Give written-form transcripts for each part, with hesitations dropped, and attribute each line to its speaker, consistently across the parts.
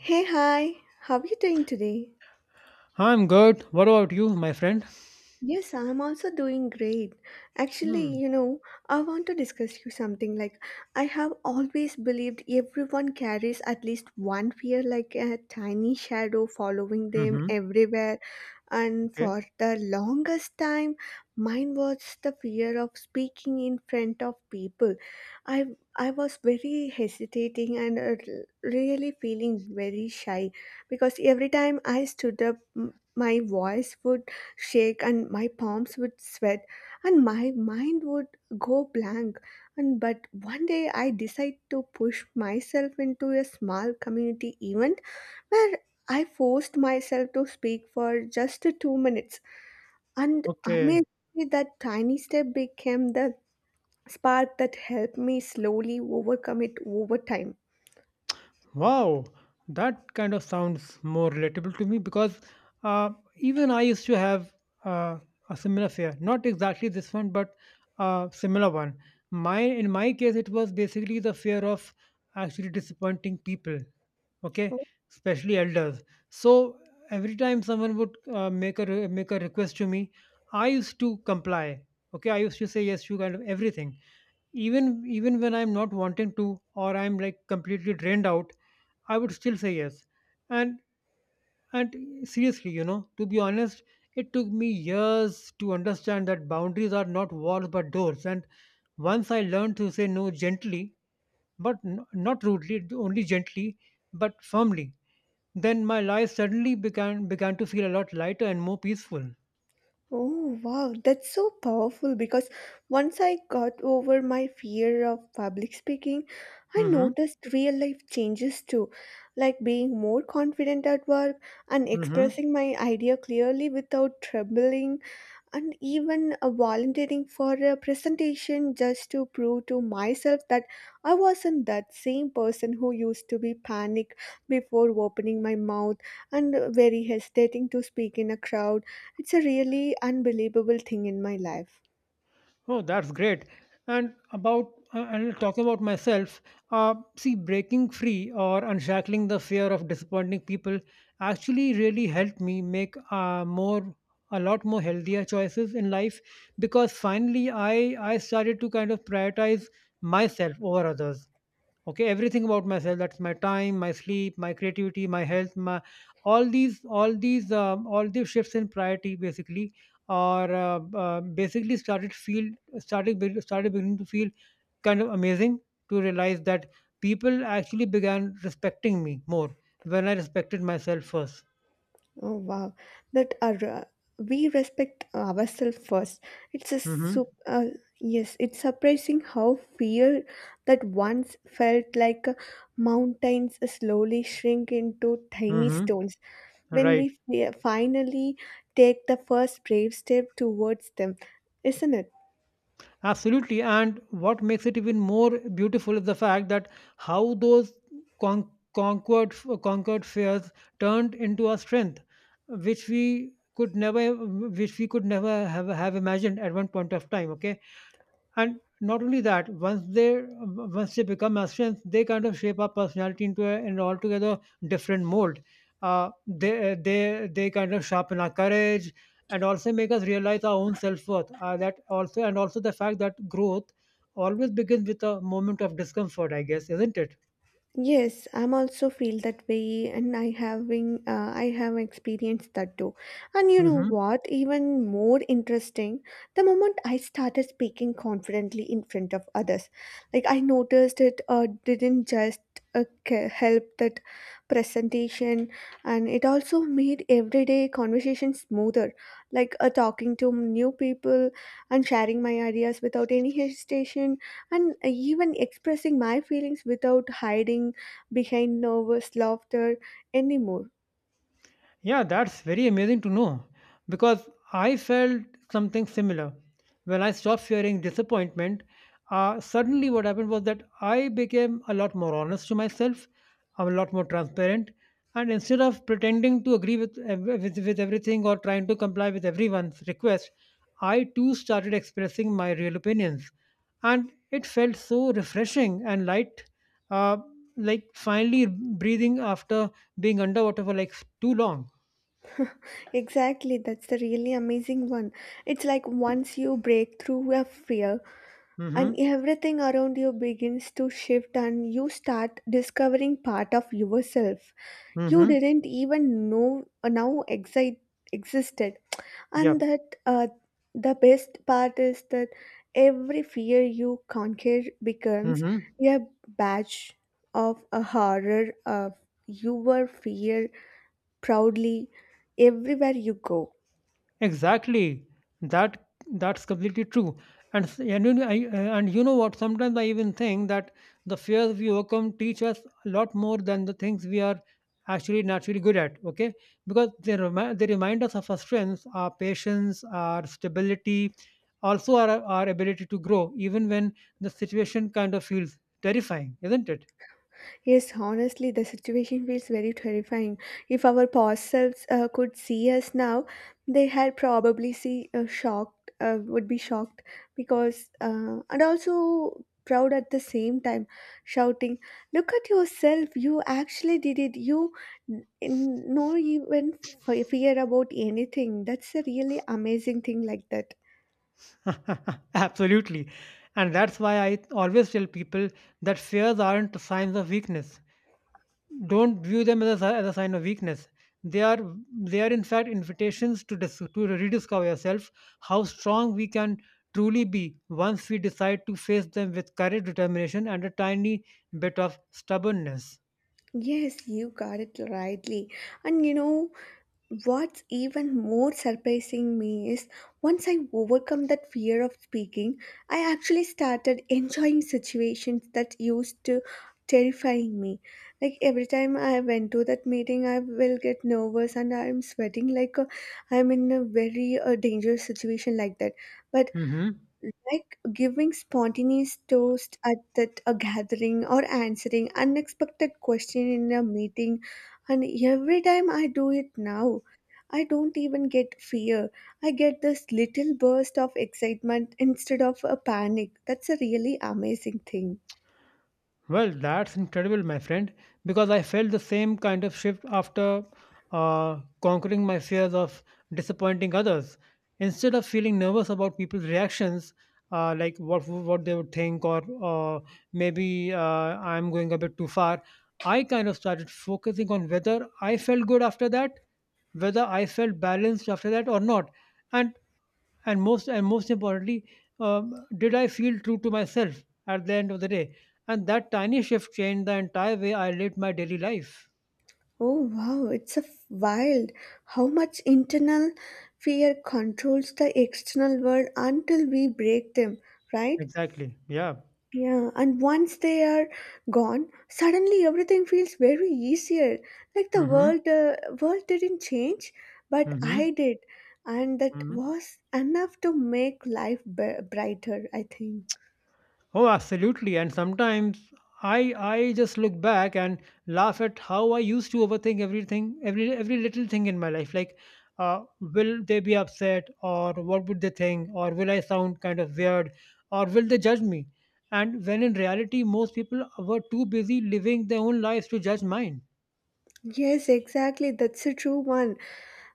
Speaker 1: Hey, hi, how are you doing today?
Speaker 2: I'm good. What about you, my friend?
Speaker 1: Yes, I'm also doing great. Actually,
Speaker 2: Hmm.
Speaker 1: you know, I want to discuss you something like I have always believed everyone carries at least one fear like a tiny shadow following them
Speaker 2: Mm-hmm.
Speaker 1: everywhere, and
Speaker 2: Okay.
Speaker 1: for the longest time mine was the fear of speaking in front of people. I I was very hesitating and really feeling very shy because every time I stood up my voice would shake and my palms would sweat and my mind would go blank. And but one day I decide to push myself into a small community event where I forced myself to speak for just 2 minutes. And
Speaker 2: Okay.
Speaker 1: amazingly, that tiny step became the spark that helped me slowly overcome it over time.
Speaker 2: Wow. That kind of sounds more relatable to me because uh, even I used to have uh, a similar fear. Not exactly this one, but a similar one. My in my case, it was basically the fear of actually disappointing people. Okay, especially elders. So every time someone would make a request to me, I used to comply. Okay, I used to say yes to kind of everything even when I'm not wanting to, or I'm like completely drained out, I would still say yes. And and seriously, you know, to be honest, it took me years to understand that boundaries are not walls but doors. And once I learned to say no gently, but not rudely, only gently but firmly, then my life suddenly began to feel a lot lighter and more peaceful.
Speaker 1: Oh, wow, that's so powerful, because once I got over my fear of public speaking, I noticed real life changes too, like being more confident at work and
Speaker 2: Mhm.
Speaker 1: expressing my idea clearly without trembling, and even volunteering for a presentation just to prove to myself that I wasn't that same person who used to be panic before opening my mouth and very hesitating to speak in a crowd. It's a really unbelievable thing in my life.
Speaker 2: Oh, that's great. And about and talking about myself, see, breaking free or unshackling the fear of disappointing people actually really helped me make more a lot more healthier choices in life, because finally I started to kind of prioritize myself over others. Okay, everything about myself, that's my time, my sleep, my creativity, my health, my— all these shifts in priority, basically, are basically started beginning to feel kind of amazing to realize that people actually began respecting me more when I respected myself first.
Speaker 1: Oh wow, that are we respect ourselves first. It's a
Speaker 2: Mm-hmm.
Speaker 1: sup- uh, yes, it's surprising how fear that once felt like mountains slowly shrink into tiny
Speaker 2: Mm-hmm.
Speaker 1: stones when
Speaker 2: Right.
Speaker 1: we finally take the first brave step towards them, isn't it?
Speaker 2: Absolutely. And what makes it even more beautiful is the fact that how those con- conquered, conquered fears turned into a strength, which we could never— have imagined at one point of time. Okay, and not only that, once they become Austrians, they kind of shape our personality into an altogether different mold. They kind of sharpen our courage and also make us realize our own self-worth, that also, and also the fact that growth always begins with a moment of discomfort, I guess, isn't it?
Speaker 1: Yes, I'm also feel that way, and I having I have experienced that too. And you know
Speaker 2: Hmm.
Speaker 1: what? Even more interesting, the moment I started speaking confidently in front of others, like I noticed it didn't just help that presentation, and it also made everyday conversation smoother. Like talking to new people and sharing my ideas without any hesitation and even expressing my feelings without hiding behind nervous laughter anymore.
Speaker 2: Yeah, that's very amazing to know, because I felt something similar. When I stopped fearing disappointment, suddenly what happened was that I became a lot more honest to myself. I'm a lot more transparent. And instead of pretending to agree with, with everything, or trying to comply with everyone's request, I too started expressing my real opinions. And it felt so refreshing and light, uh, like finally breathing after being underwater for like too long.
Speaker 1: Exactly, that's the really amazing one. It's like once you break through a fear, and
Speaker 2: Mhm.
Speaker 1: everything around you begins to shift, and you start discovering part of yourself you
Speaker 2: Mhm.
Speaker 1: didn't even know now existed. And
Speaker 2: Yeah.
Speaker 1: that the best part is that every fear you conquer becomes
Speaker 2: Mhm.
Speaker 1: a badge of a horror of your fear proudly everywhere you go.
Speaker 2: Exactly. That's completely true. And you know, I, and you know what? Sometimes I even think that the fears we overcome teach us a lot more than the things we are actually naturally good at. Okay, because they remind us of our strengths, our patience, our stability, also our ability to grow, even when the situation kind of feels terrifying, isn't it?
Speaker 1: Yes, honestly, the situation feels very terrifying. If our past selves could see us now, they had probably see shocked, would be shocked because, and also proud at the same time, shouting, "Look at yourself! You actually did it! You no even fear about anything. That's a really amazing thing like that."
Speaker 2: Absolutely. And that's why I always tell people that fears aren't signs of weakness. Don't view them as as a sign of weakness. They are they are in fact invitations to to rediscover yourself, how strong we can truly be once we decide to face them with courage, determination, and a tiny bit of stubbornness.
Speaker 1: Yes, you got it rightly. And you know, what's even more surprising me is once I overcome that fear of speaking, I actually started enjoying situations that used to terrifying me. Like every time I went to that meeting, I will get nervous and I'm sweating like I'm in a very dangerous situation like that. But
Speaker 2: Mhm.
Speaker 1: like giving spontaneous toast at that a gathering or answering unexpected question in a meeting, and every time I do it now I don't even get fear. I get this little burst of excitement instead of a panic. That's a really amazing thing.
Speaker 2: Well, that's incredible, my friend, because I felt the same kind of shift after conquering my fears of disappointing others. Instead of feeling nervous about people's reactions, like what they would think, or maybe I'm going a bit too far, I kind of started focusing on whether I felt good after that, whether I felt balanced after that or not. And and most importantly, did I feel true to myself at the end of the day? And that tiny shift changed the entire way I lived my daily life.
Speaker 1: Oh wow, it's a wild how much internal fear controls the external world until we break them, right?
Speaker 2: Exactly, yeah.
Speaker 1: Yeah, and once they are gone, suddenly everything feels very easier. Like the
Speaker 2: Mm-hmm.
Speaker 1: world, world didn't change, but
Speaker 2: Mm-hmm.
Speaker 1: I did, and that
Speaker 2: Mm-hmm.
Speaker 1: was enough to make life brighter. I think.
Speaker 2: Oh, absolutely. And sometimes I just look back and laugh at how I used to overthink everything, every little thing in my life. Like, uh, will they be upset, or what would they think, or will I sound kind of weird, or will they judge me? And when in reality, most people were too busy living their own lives to judge mine.
Speaker 1: Yes, exactly. That's a true one.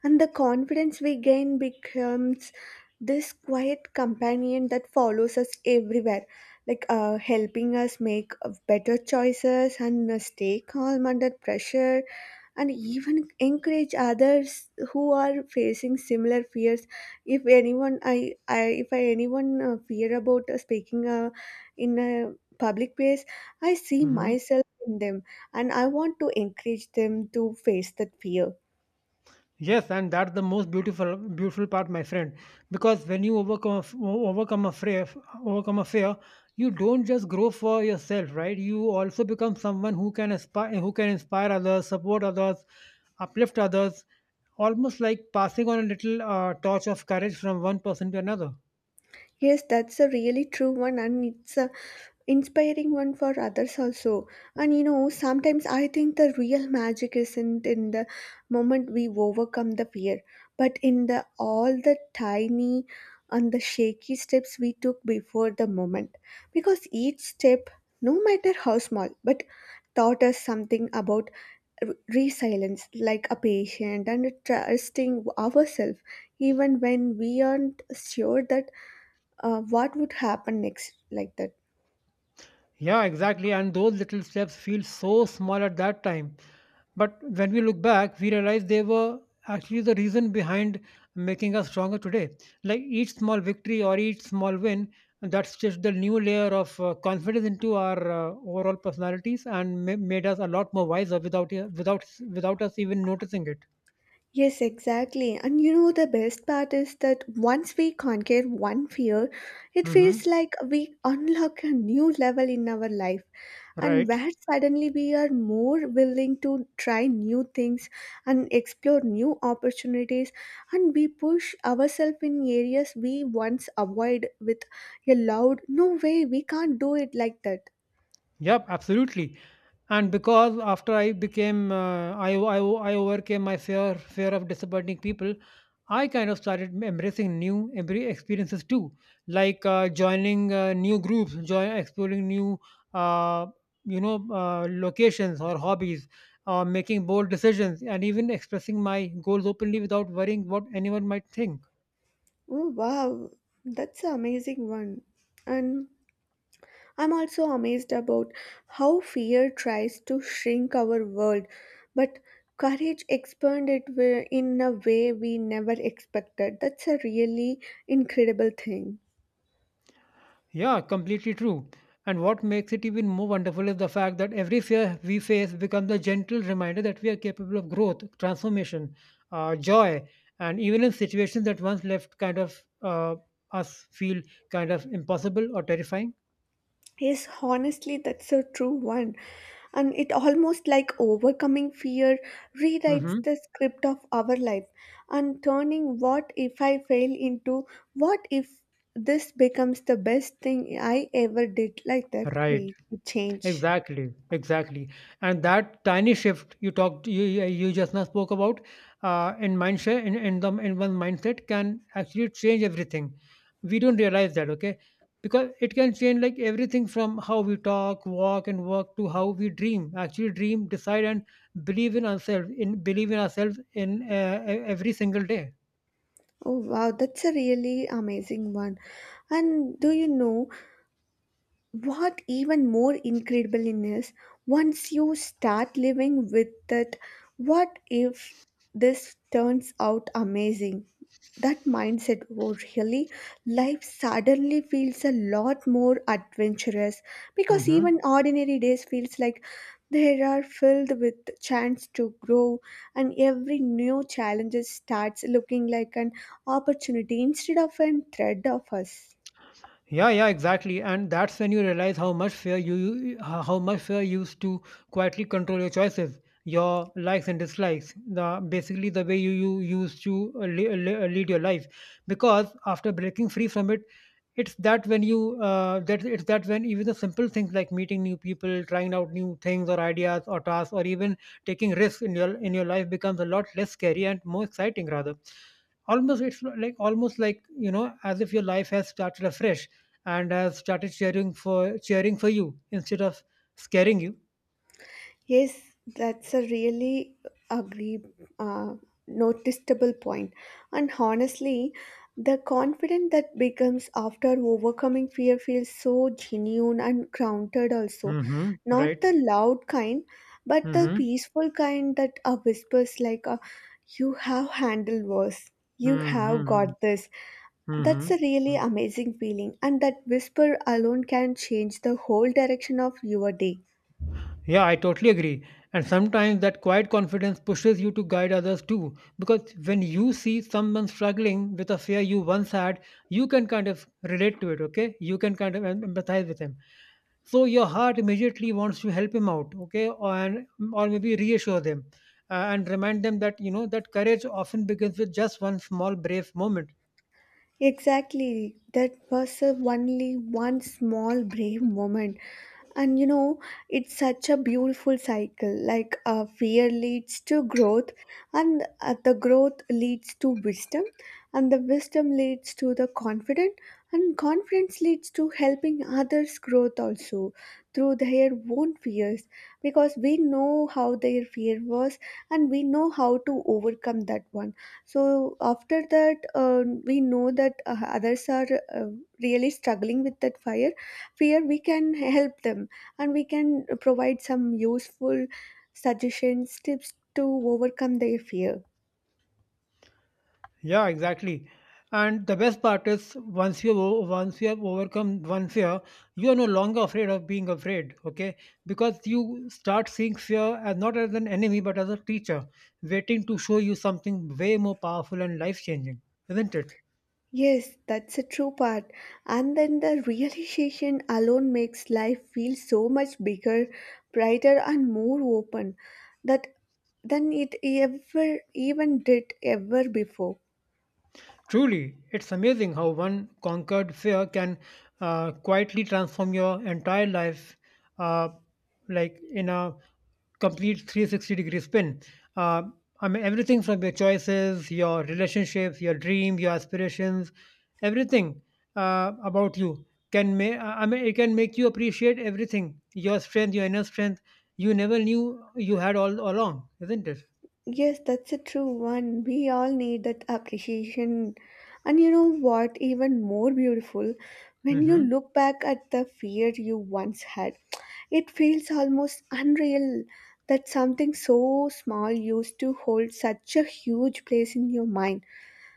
Speaker 1: And the confidence we gain becomes this quiet companion that follows us everywhere, like helping us make better choices and stay calm under pressure, and even encourage others who are facing similar fears. If anyone, I if I anyone fear about speaking in a public place, I see
Speaker 2: Hmm.
Speaker 1: myself in them, and I want to encourage them to face that fear.
Speaker 2: Yes, and that's the most beautiful part, my friend. Because when you overcome— a f- o- overcome a fear, you don't just grow for yourself, right? You also become someone who can inspire others, support others, uplift others, almost like passing on a little torch of courage from one person to another.
Speaker 1: Yes, that's a really true one, and it's a inspiring one for others also. And you know, sometimes I think the real magic isn't in the moment we overcome the fear, but in the all the tiny and the shaky steps we took before the moment. Because each step, no matter how small, but taught us something about resilience, like a patient and trusting ourselves, even when we aren't sure that what would happen next like that.
Speaker 2: Yeah, exactly. And those little steps feel so small at that time. But when we look back, we realize they were actually the reason behind making us stronger today. Like each small victory or each small win, that's just the new layer of confidence into our overall personalities, and made us a lot more wiser without without us even noticing it.
Speaker 1: Yes, exactly. And you know, the best part is that once we conquer one fear, it feels
Speaker 2: Hmm.
Speaker 1: like we unlock a new level in our life, and
Speaker 2: Right.
Speaker 1: where suddenly we are more willing to try new things and explore new opportunities, and we push ourselves in areas we once avoid with a loud no way we can't do it like that.
Speaker 2: Yep, absolutely. And because after I became, I overcame my fear of disappointing people, I kind of started embracing new experiences too, like joining new groups, exploring new, uh, locations or hobbies, making bold decisions, and even expressing my goals openly without worrying what anyone might think.
Speaker 1: Oh wow, that's an amazing one. And I'm also amazed about how fear tries to shrink our world, but courage expanded in a way we never expected. That's a really incredible thing.
Speaker 2: Yeah, completely true. And what makes it even more wonderful is the fact that every fear we face becomes a gentle reminder that we are capable of growth, transformation, joy, and even in situations that once left kind of uh, us feel kind of impossible or terrifying.
Speaker 1: Yes, honestly, that's a true one. And it almost like overcoming fear rewrites
Speaker 2: Hmm.
Speaker 1: the script of our life, and turning what if I fail into what if this becomes the best thing I ever did, like that
Speaker 2: Right.
Speaker 1: way to change.
Speaker 2: Exactly, exactly. And that tiny shift you talked, you just now spoke about, in mindset, in the in one mindset, can actually change everything. We don't realize that, okay? Because it can change like everything from how we talk, walk, and work to how we dream. Actually, dream, decide, and believe in ourselves. In Believe in ourselves in every single day.
Speaker 1: Oh wow, that's a really amazing one. And do you know, what even more incredible in is once you start living with that what if this turns out amazing, that mindset, oh, really, life suddenly feels a lot more adventurous, because even
Speaker 2: Hmm.
Speaker 1: ordinary days feels like they are filled with chance to grow, and every new challenge starts looking like an opportunity instead of a threat of us.
Speaker 2: Yeah, exactly. And that's when you realize how much fear how much fear used to quietly control your choices, your likes and dislikes, the basically the way you used to lead your life. Because after breaking free from it, it's that when you— that it's that when even the simple things like meeting new people, trying out new things or ideas or tasks, or even taking risks in your life becomes a lot less scary and more exciting rather. Almost like, you know, as if your life has started afresh and has started cheering for you instead of scaring you.
Speaker 1: Yes, that's a really agree uh, noticeable point. And honestly, the confidence that becomes after overcoming fear feels so genuine and grounded also.
Speaker 2: Mm-hmm.
Speaker 1: Not
Speaker 2: Right.
Speaker 1: the loud kind, but the
Speaker 2: Mm-hmm.
Speaker 1: peaceful kind that whispers like you have handled worse. You have
Speaker 2: Mm-hmm.
Speaker 1: got this. That's a really
Speaker 2: Mm-hmm.
Speaker 1: amazing feeling, and that whisper alone can change the whole direction of your day.
Speaker 2: Yeah, I totally agree. And sometimes that quiet confidence pushes you to guide others too, because when you see someone struggling with a fear you once had, you can kind of relate to it. Okay, you can kind of empathize with him, so your heart immediately wants to help him out. Okay, and or maybe reassure them, and remind them that, you know, that courage often begins with just one small brave moment.
Speaker 1: Exactly. That was a only one small brave moment. And you know, it's such a beautiful cycle. Like fear leads to growth, and the growth leads to wisdom, and the wisdom leads to the confident, and confidence leads to helping others' growth also through their own fears, because we know how their fear was and we know how to overcome that one. So after that, we know that others are uh, really struggling with that fire. Fear we can help them, and we can provide some useful suggestions, tips to overcome their fear.
Speaker 2: Yeah, exactly. And the best part is, once you have overcome one fear, you are no longer afraid of being afraid. Okay, because you start seeing fear as not as an enemy but as a teacher waiting to show you something way more powerful and life changing, isn't it?
Speaker 1: Yes, that's a true part. And then the realization alone makes life feel so much bigger, brighter, and more open that than it ever even did ever before.
Speaker 2: Truly, it's amazing how one conquered fear can quietly transform your entire life, uh, like in a complete 360 degree spin. Uh, I mean, everything from your choices, your relationships, your dreams, your aspirations, everything about you can make. I mean, it can make you appreciate everything. Your strength, your inner strength, you never knew you had all along, isn't it?
Speaker 1: Yes, that's a true one. We all need that appreciation. And you know what? Even more beautiful, when you
Speaker 2: Mm-hmm.
Speaker 1: look back at the fear you once had, it feels almost unreal that something so small used to hold such a huge place in your mind.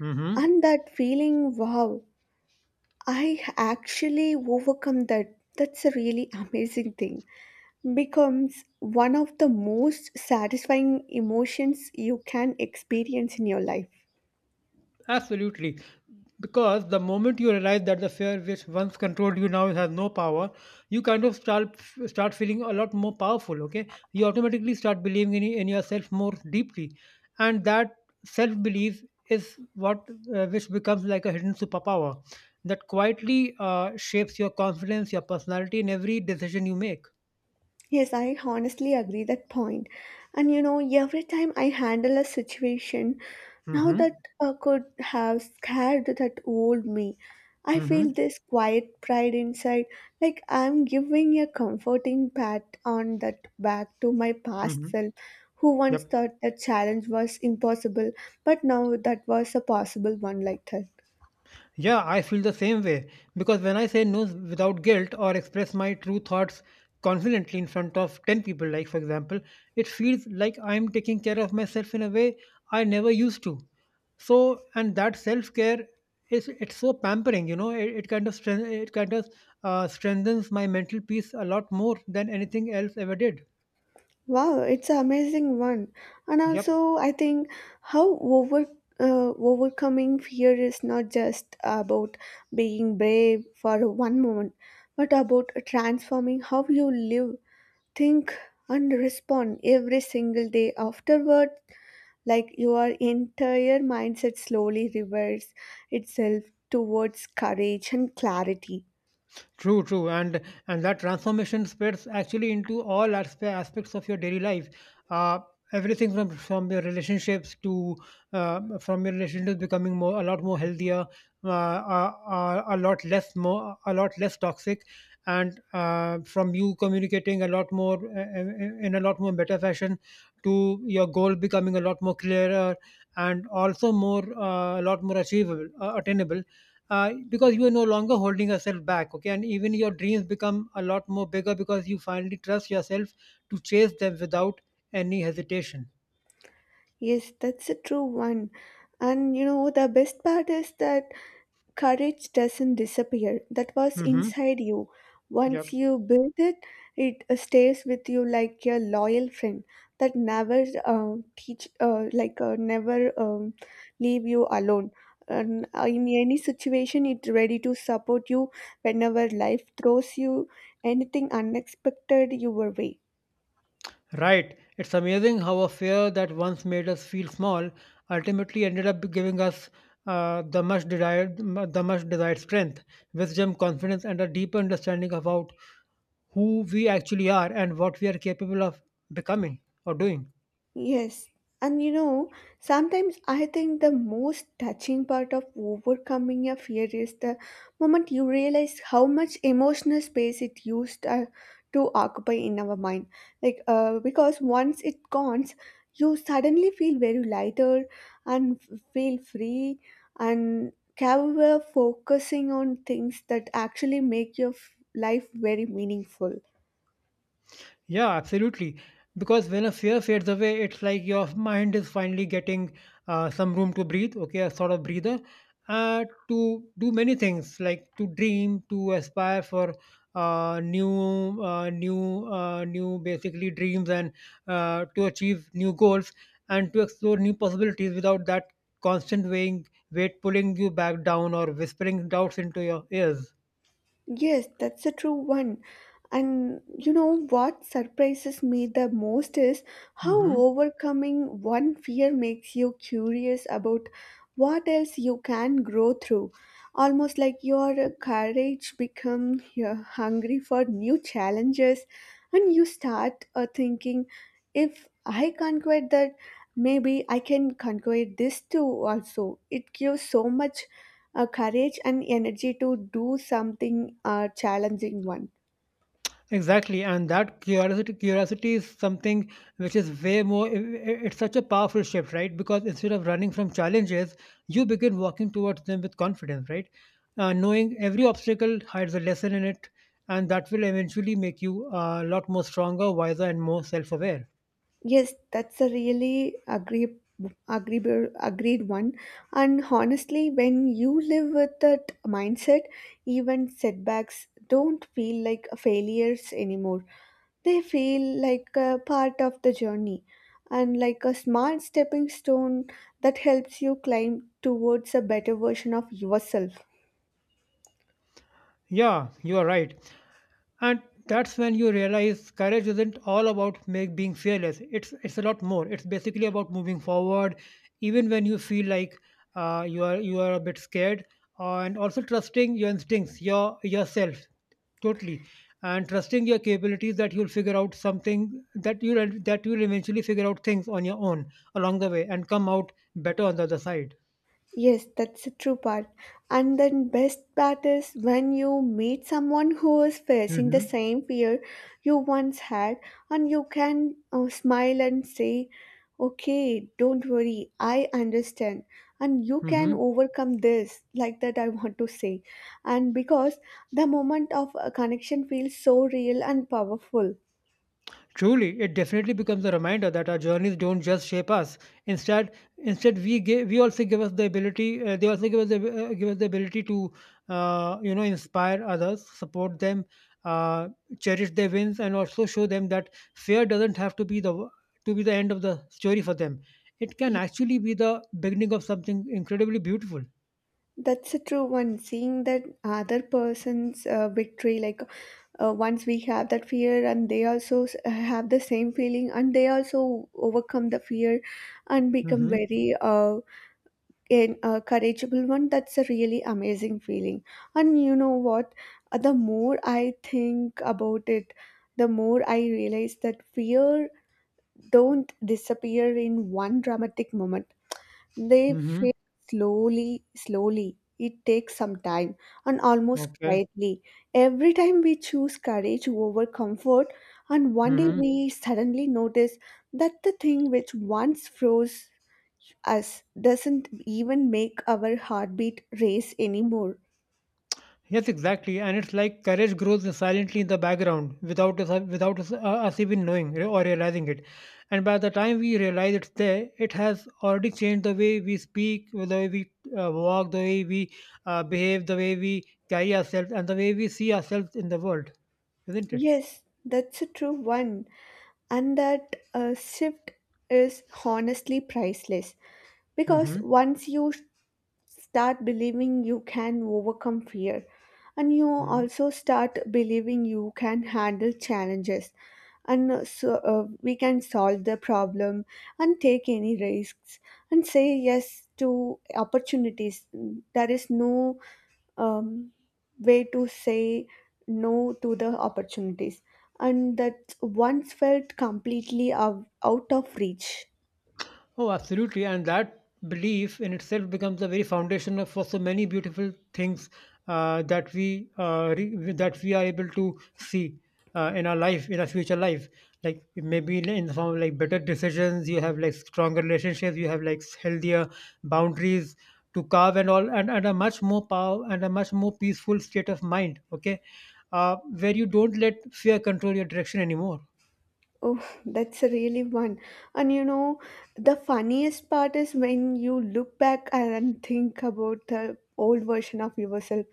Speaker 2: Mm-hmm.
Speaker 1: And that feeling, wow, I actually overcome that. That's a really amazing thing becomes one of the most satisfying emotions you can experience in your life.
Speaker 2: Absolutely. Because the moment you realize that the fear which once controlled you now has no power, you kind of start feeling a lot more powerful. Okay, you automatically start believing in yourself more deeply, and that self belief is what which becomes like a hidden superpower that quietly shapes your confidence, your personality, and every decision you make.
Speaker 1: Yes, I honestly agree that point. And you know, every time I handle a situation now
Speaker 2: Mm-hmm.
Speaker 1: that could have scared that old me, I feel
Speaker 2: Mm-hmm.
Speaker 1: this quiet pride inside, like I'm giving a comforting pat on that back to my
Speaker 2: Mm-hmm.
Speaker 1: past self, who once
Speaker 2: Yep.
Speaker 1: thought that challenge was impossible, but now that was a possible one like that.
Speaker 2: Yeah, I feel the same way, because when I say no without guilt or express my true thoughts confidently in front of 10 people, like for example, it feels like I'm taking care of myself in a way I never used to. So, and that self care is— it's so pampering, you know, it kind of it kind of strengthens my mental peace a lot more than anything else ever did.
Speaker 1: Wow, it's an amazing one. And
Speaker 2: Yep.
Speaker 1: also, I think how over overcoming fear is not just about being brave for one moment, but about transforming how you live, think, and respond every single day afterward. Like your entire mindset slowly reverts itself towards courage and clarity.
Speaker 2: True, true, and that transformation spreads actually into all aspects of your daily life. Uh, Everything from your relationships to from your relationships becoming more a lot more healthier, uh, uh, a lot less more a lot less toxic, and from you communicating a lot more in a lot more better fashion to your goal becoming a lot more clearer and also more a lot more achievable, attainable because you are no longer holding yourself back, okay, and even your dreams become a lot more bigger because you finally trust yourself to chase them without any hesitation.
Speaker 1: Yes, that's a true one. And you know, the best part is that courage doesn't disappear. That was
Speaker 2: Mm-hmm.
Speaker 1: inside you. Once
Speaker 2: Yep.
Speaker 1: you build it, it stays with you like a loyal friend that never teach, like never leave you alone. And in any situation, it's ready to support you whenever life throws you anything unexpected your way.
Speaker 2: Right, it's amazing how a fear that once made us feel small ultimately ended up giving us the much desired strength, wisdom, confidence, and a deeper understanding about who we actually are and what we are capable of becoming or doing.
Speaker 1: Yes, and you know, sometimes I think the most touching part of overcoming a fear is the moment you realize how much emotional space it used to occupy in our mind. Like, because once it gone, you suddenly feel very lighter and feel free and capable of focusing on things that actually make your life very meaningful.
Speaker 2: Yeah, absolutely. Because when a fear fades away, it's like your mind is finally getting some room to breathe, okay, a sort of breather, to do many things, like to dream, to aspire for new basically dreams and to achieve new goals and to explore new possibilities without that constant weighing, weight pulling you back down or whispering doubts into your ears.
Speaker 1: Yes, that's a true one. And you know what surprises me the most is how
Speaker 2: Hmm.
Speaker 1: overcoming one fear makes you curious about what else you can grow through. Almost like your courage become hungry for new challenges, and you start thinking if I conquer that, maybe I can conquer this too also. It gives so much a courage and energy to do something challenging one.
Speaker 2: Exactly, and that curiosity is something which is way more. It's such a powerful shift, right? Because instead of running from challenges, you begin walking towards them with confidence, right? Knowing every obstacle hides a lesson in it, and that will eventually make you a lot more stronger, wiser, and more self-aware.
Speaker 1: Yes, that's a really agree agreeable agreed one. And honestly, when you live with that mindset, even setbacks don't feel like failures anymore. They feel like a part of the journey and like a smart stepping stone that helps you climb towards a better version of yourself.
Speaker 2: Yeah, you are right. And that's when you realize courage isn't all about being fearless. It's a lot more. It's basically about moving forward, even when you feel like you are a bit scared, and also trusting your instincts, yourself, totally, and trusting your capabilities that you'll eventually figure out things on your own along the way and come out better on the other side.
Speaker 1: Yes, that's the true part. And then best part is when you meet someone who is facing the
Speaker 2: Mm-hmm.
Speaker 1: same fear you once had, and you can smile and say, "Okay, don't worry, I understand, and you can overcome this." Like that, I want to say, and because the moment of a connection feels so real and powerful.
Speaker 2: Truly, it definitely becomes a reminder that our journeys don't just shape us. We also give us the ability. They also give us the Give us the ability to, you know, inspire others, support them, uh, cherish their wins, and also show them that fear doesn't have to be the end of the story for them. It can
Speaker 1: Yeah.
Speaker 2: actually be the beginning of something incredibly beautiful.
Speaker 1: That's a true one. Seeing that other person's victory, like once we have that fear and they also have the same feeling and they also overcome the fear and become
Speaker 2: Mm-hmm.
Speaker 1: very in, a courageable one, that's a really amazing feeling. And you know what? The more I think about it, the more I realize that fear don't disappear in one dramatic moment. They
Speaker 2: Mm-hmm.
Speaker 1: fade slowly, slowly. It takes some time and almost
Speaker 2: Okay.
Speaker 1: quietly. Every time we choose courage over comfort, and one day
Speaker 2: Mm-hmm.
Speaker 1: we suddenly notice that the thing which once froze us doesn't even make our heartbeat race anymore.
Speaker 2: Yes, exactly. And it's like courage grows silently in the background without us, us even knowing re- or realizing it. And by the time we realize it's there, it has already changed the way we speak, the way we walk, the way we behave, the way we carry ourselves, and the way we see ourselves in the world, isn't it?
Speaker 1: Yes, that's a true one. And that shift is honestly priceless, because
Speaker 2: Mm-hmm.
Speaker 1: once you start believing you can overcome fear, and you also start believing you can handle challenges, and we can solve the problem and take any risks and say yes to opportunities. There is no um, way to say no to the opportunities and that once felt completely out of reach.
Speaker 2: Oh, absolutely. And that belief in itself becomes the very foundation for so many beautiful things that we are able to see in our future life. Like maybe in the form of like better decisions, you have like stronger relationships, you have like healthier boundaries to carve and all, and a much more power and a much more peaceful state of mind. Okay, where you don't let fear control your direction anymore.
Speaker 1: Oh, that's really one. And you know, the funniest part is when you look back and think about the old version of yourself.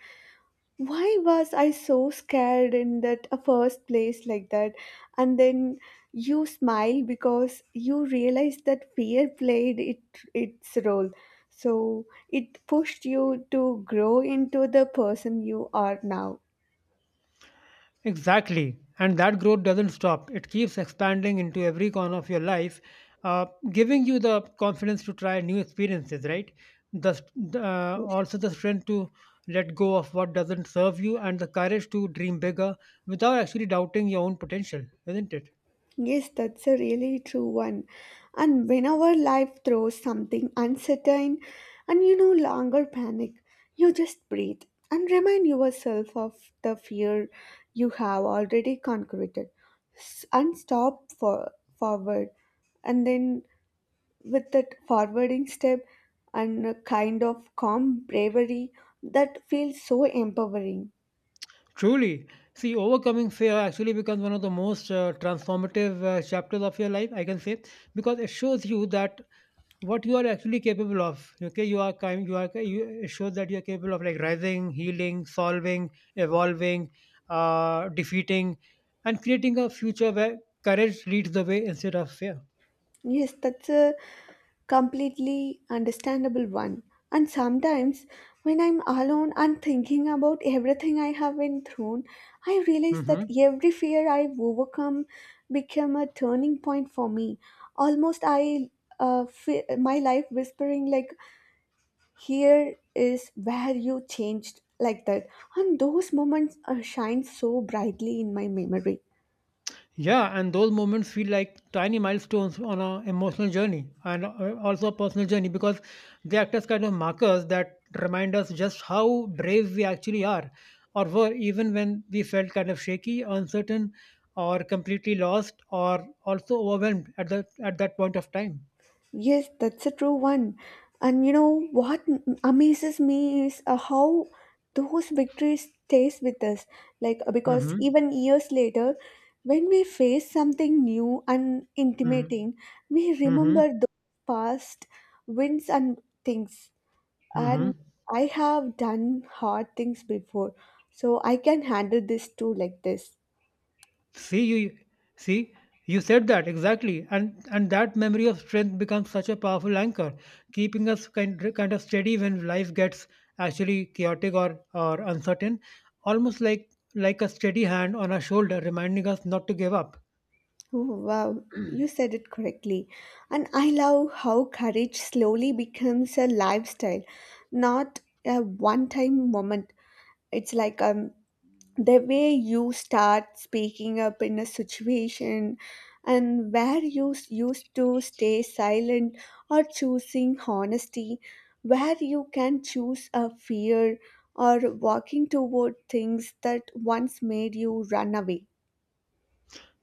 Speaker 1: Why was I so scared in that first place like that? And then you smile because you realize that fear played it its role. So it pushed you to grow into the person you are now.
Speaker 2: Exactly. And that growth doesn't stop. It keeps expanding into every corner of your life, uh, giving you the confidence to try new experiences, right?
Speaker 1: Yes.
Speaker 2: The strength to let go of what doesn't serve you, and the courage to dream bigger without actually doubting your own potential, isn't it?
Speaker 1: Yes, that's a really true one. And whenever life throws something uncertain and you no longer panic, you just breathe and remind yourself of the fear you have already conquered. And stop for forward. And then, with that forwarding step and a kind of calm bravery that feels so empowering.
Speaker 2: Truly, see, overcoming fear actually becomes one of the most transformative chapters of your life, I can say, because it shows you that what you are actually capable of. Okay, you are kind, you are, you, it shows that you are capable of, like, rising, healing, solving, evolving, defeating, and creating a future where courage leads the way instead of fear.
Speaker 1: Yes, that's a completely understandable one. And sometimes when I'm alone and thinking about everything I have been through, I realize that
Speaker 2: Hmm.
Speaker 1: every fear I've overcome became a turning point for me. Almost I fe my life whispering like, "Here is where you changed." Like that, and those moments shine so brightly in my memory.
Speaker 2: Yeah, and those moments feel like tiny milestones on an emotional journey and also a personal journey because they act as kind of markers that remind us just how brave we actually are or were, even when we felt kind of shaky, uncertain, or completely lost, or also overwhelmed at that point of time.
Speaker 1: Yes, that's a true one. And you know what amazes me is how those victories stays with us. Like because
Speaker 2: Mm-hmm.
Speaker 1: even years later, when we face something new and
Speaker 2: Mm-hmm.
Speaker 1: intimidating, we remember those past wins and things. And
Speaker 2: Mm-hmm.
Speaker 1: I have done hard things before, so I can handle this too like this.
Speaker 2: See you see You said that exactly, and that memory of strength becomes such a powerful anchor, keeping us kind of steady when life gets actually chaotic or uncertain, almost like a steady hand on our shoulder reminding us not to give up.
Speaker 1: Oh, wow, you said it correctly. And I love how courage slowly becomes a lifestyle, not a one time moment. It's like the way you start speaking up in a situation and where you used to stay silent or choosing honesty, where you can choose a fear or walking toward things that once made you run away.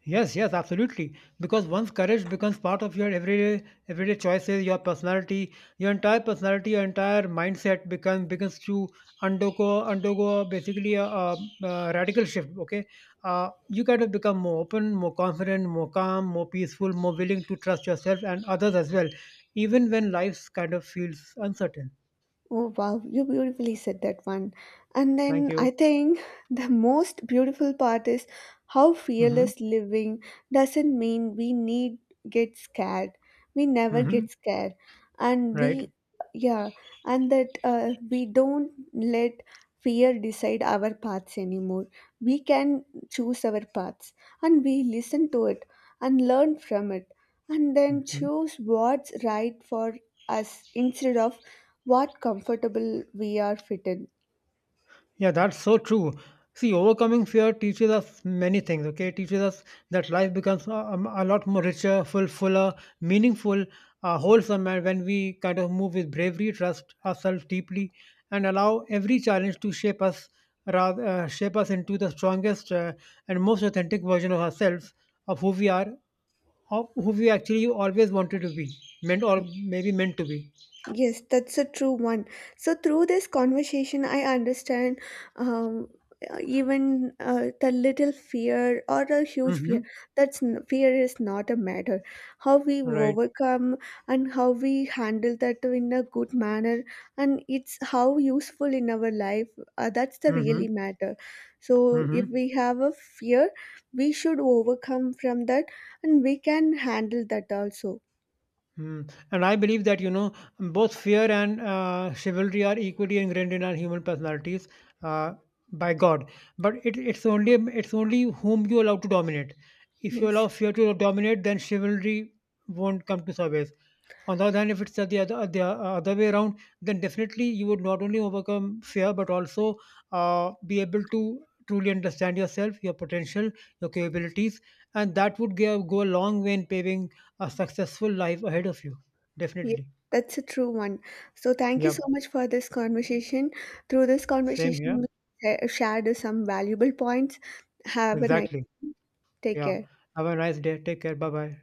Speaker 2: Yes, yes, absolutely. Because once courage becomes part of your everyday choices, your entire personality, your entire mindset becomes begins to undergo basically a radical shift. Okay, you kind of become more open, more confident, more calm, more peaceful, more willing to trust yourself and others as well, even when life kind of feels uncertain.
Speaker 1: Oh wow, you beautifully said that one. And
Speaker 2: Thank
Speaker 1: then
Speaker 2: you.
Speaker 1: I think the most beautiful part is how
Speaker 2: Mm-hmm.
Speaker 1: fearless living doesn't mean we need get scared. We never
Speaker 2: Mm-hmm.
Speaker 1: get scared, and
Speaker 2: Right.
Speaker 1: we yeah, and that we don't let fear decide our paths anymore. We can choose our paths, and we listen to it and learn from it, and then
Speaker 2: Mm-hmm.
Speaker 1: choose what's right for us instead of what comfortable we are fit in.
Speaker 2: Yeah, that's so true. See, overcoming fear teaches us many things, okay? It teaches us that life becomes a lot more richer, fuller, meaningful, wholesome, and when we kind of move with bravery, trust ourselves deeply, and allow every challenge to shape us, shape us into the strongest and most authentic version of ourselves, of who we are, of who we actually always wanted to be, meant or maybe meant to be.
Speaker 1: Yes, that's a true one. So, through this conversation, I understand um, even the little fear or a huge
Speaker 2: Mm-hmm.
Speaker 1: fear. That's fear is not a matter. How we
Speaker 2: Right.
Speaker 1: overcome and how we handle that in a good manner, and it's how useful in our life. That's the
Speaker 2: Mm-hmm.
Speaker 1: really matter. So, if
Speaker 2: Mm-hmm.
Speaker 1: we have a fear, we should overcome from that, and we can handle that also.
Speaker 2: Hmm. And I believe that, you know, both fear and chivalry are equally ingrained in our human personalities uh, by God. But it's only whom you allow to dominate. If you
Speaker 1: Yes.
Speaker 2: allow fear to dominate, then chivalry won't come to service. On the other hand, if it's the other way around, then definitely you would not only overcome fear but also be able to truly understand yourself, your potential, your capabilities, and that would go a long way in paving a successful life ahead of you.
Speaker 1: Yes,
Speaker 2: Definitely.
Speaker 1: that's a true one. So thank you so
Speaker 2: Yep.
Speaker 1: much for this conversation. Through this
Speaker 2: Same here.
Speaker 1: conversation, we shared some valuable points. Have a nice,
Speaker 2: Exactly.
Speaker 1: take
Speaker 2: Yeah.
Speaker 1: care.
Speaker 2: Have a nice day. Take care. Bye bye.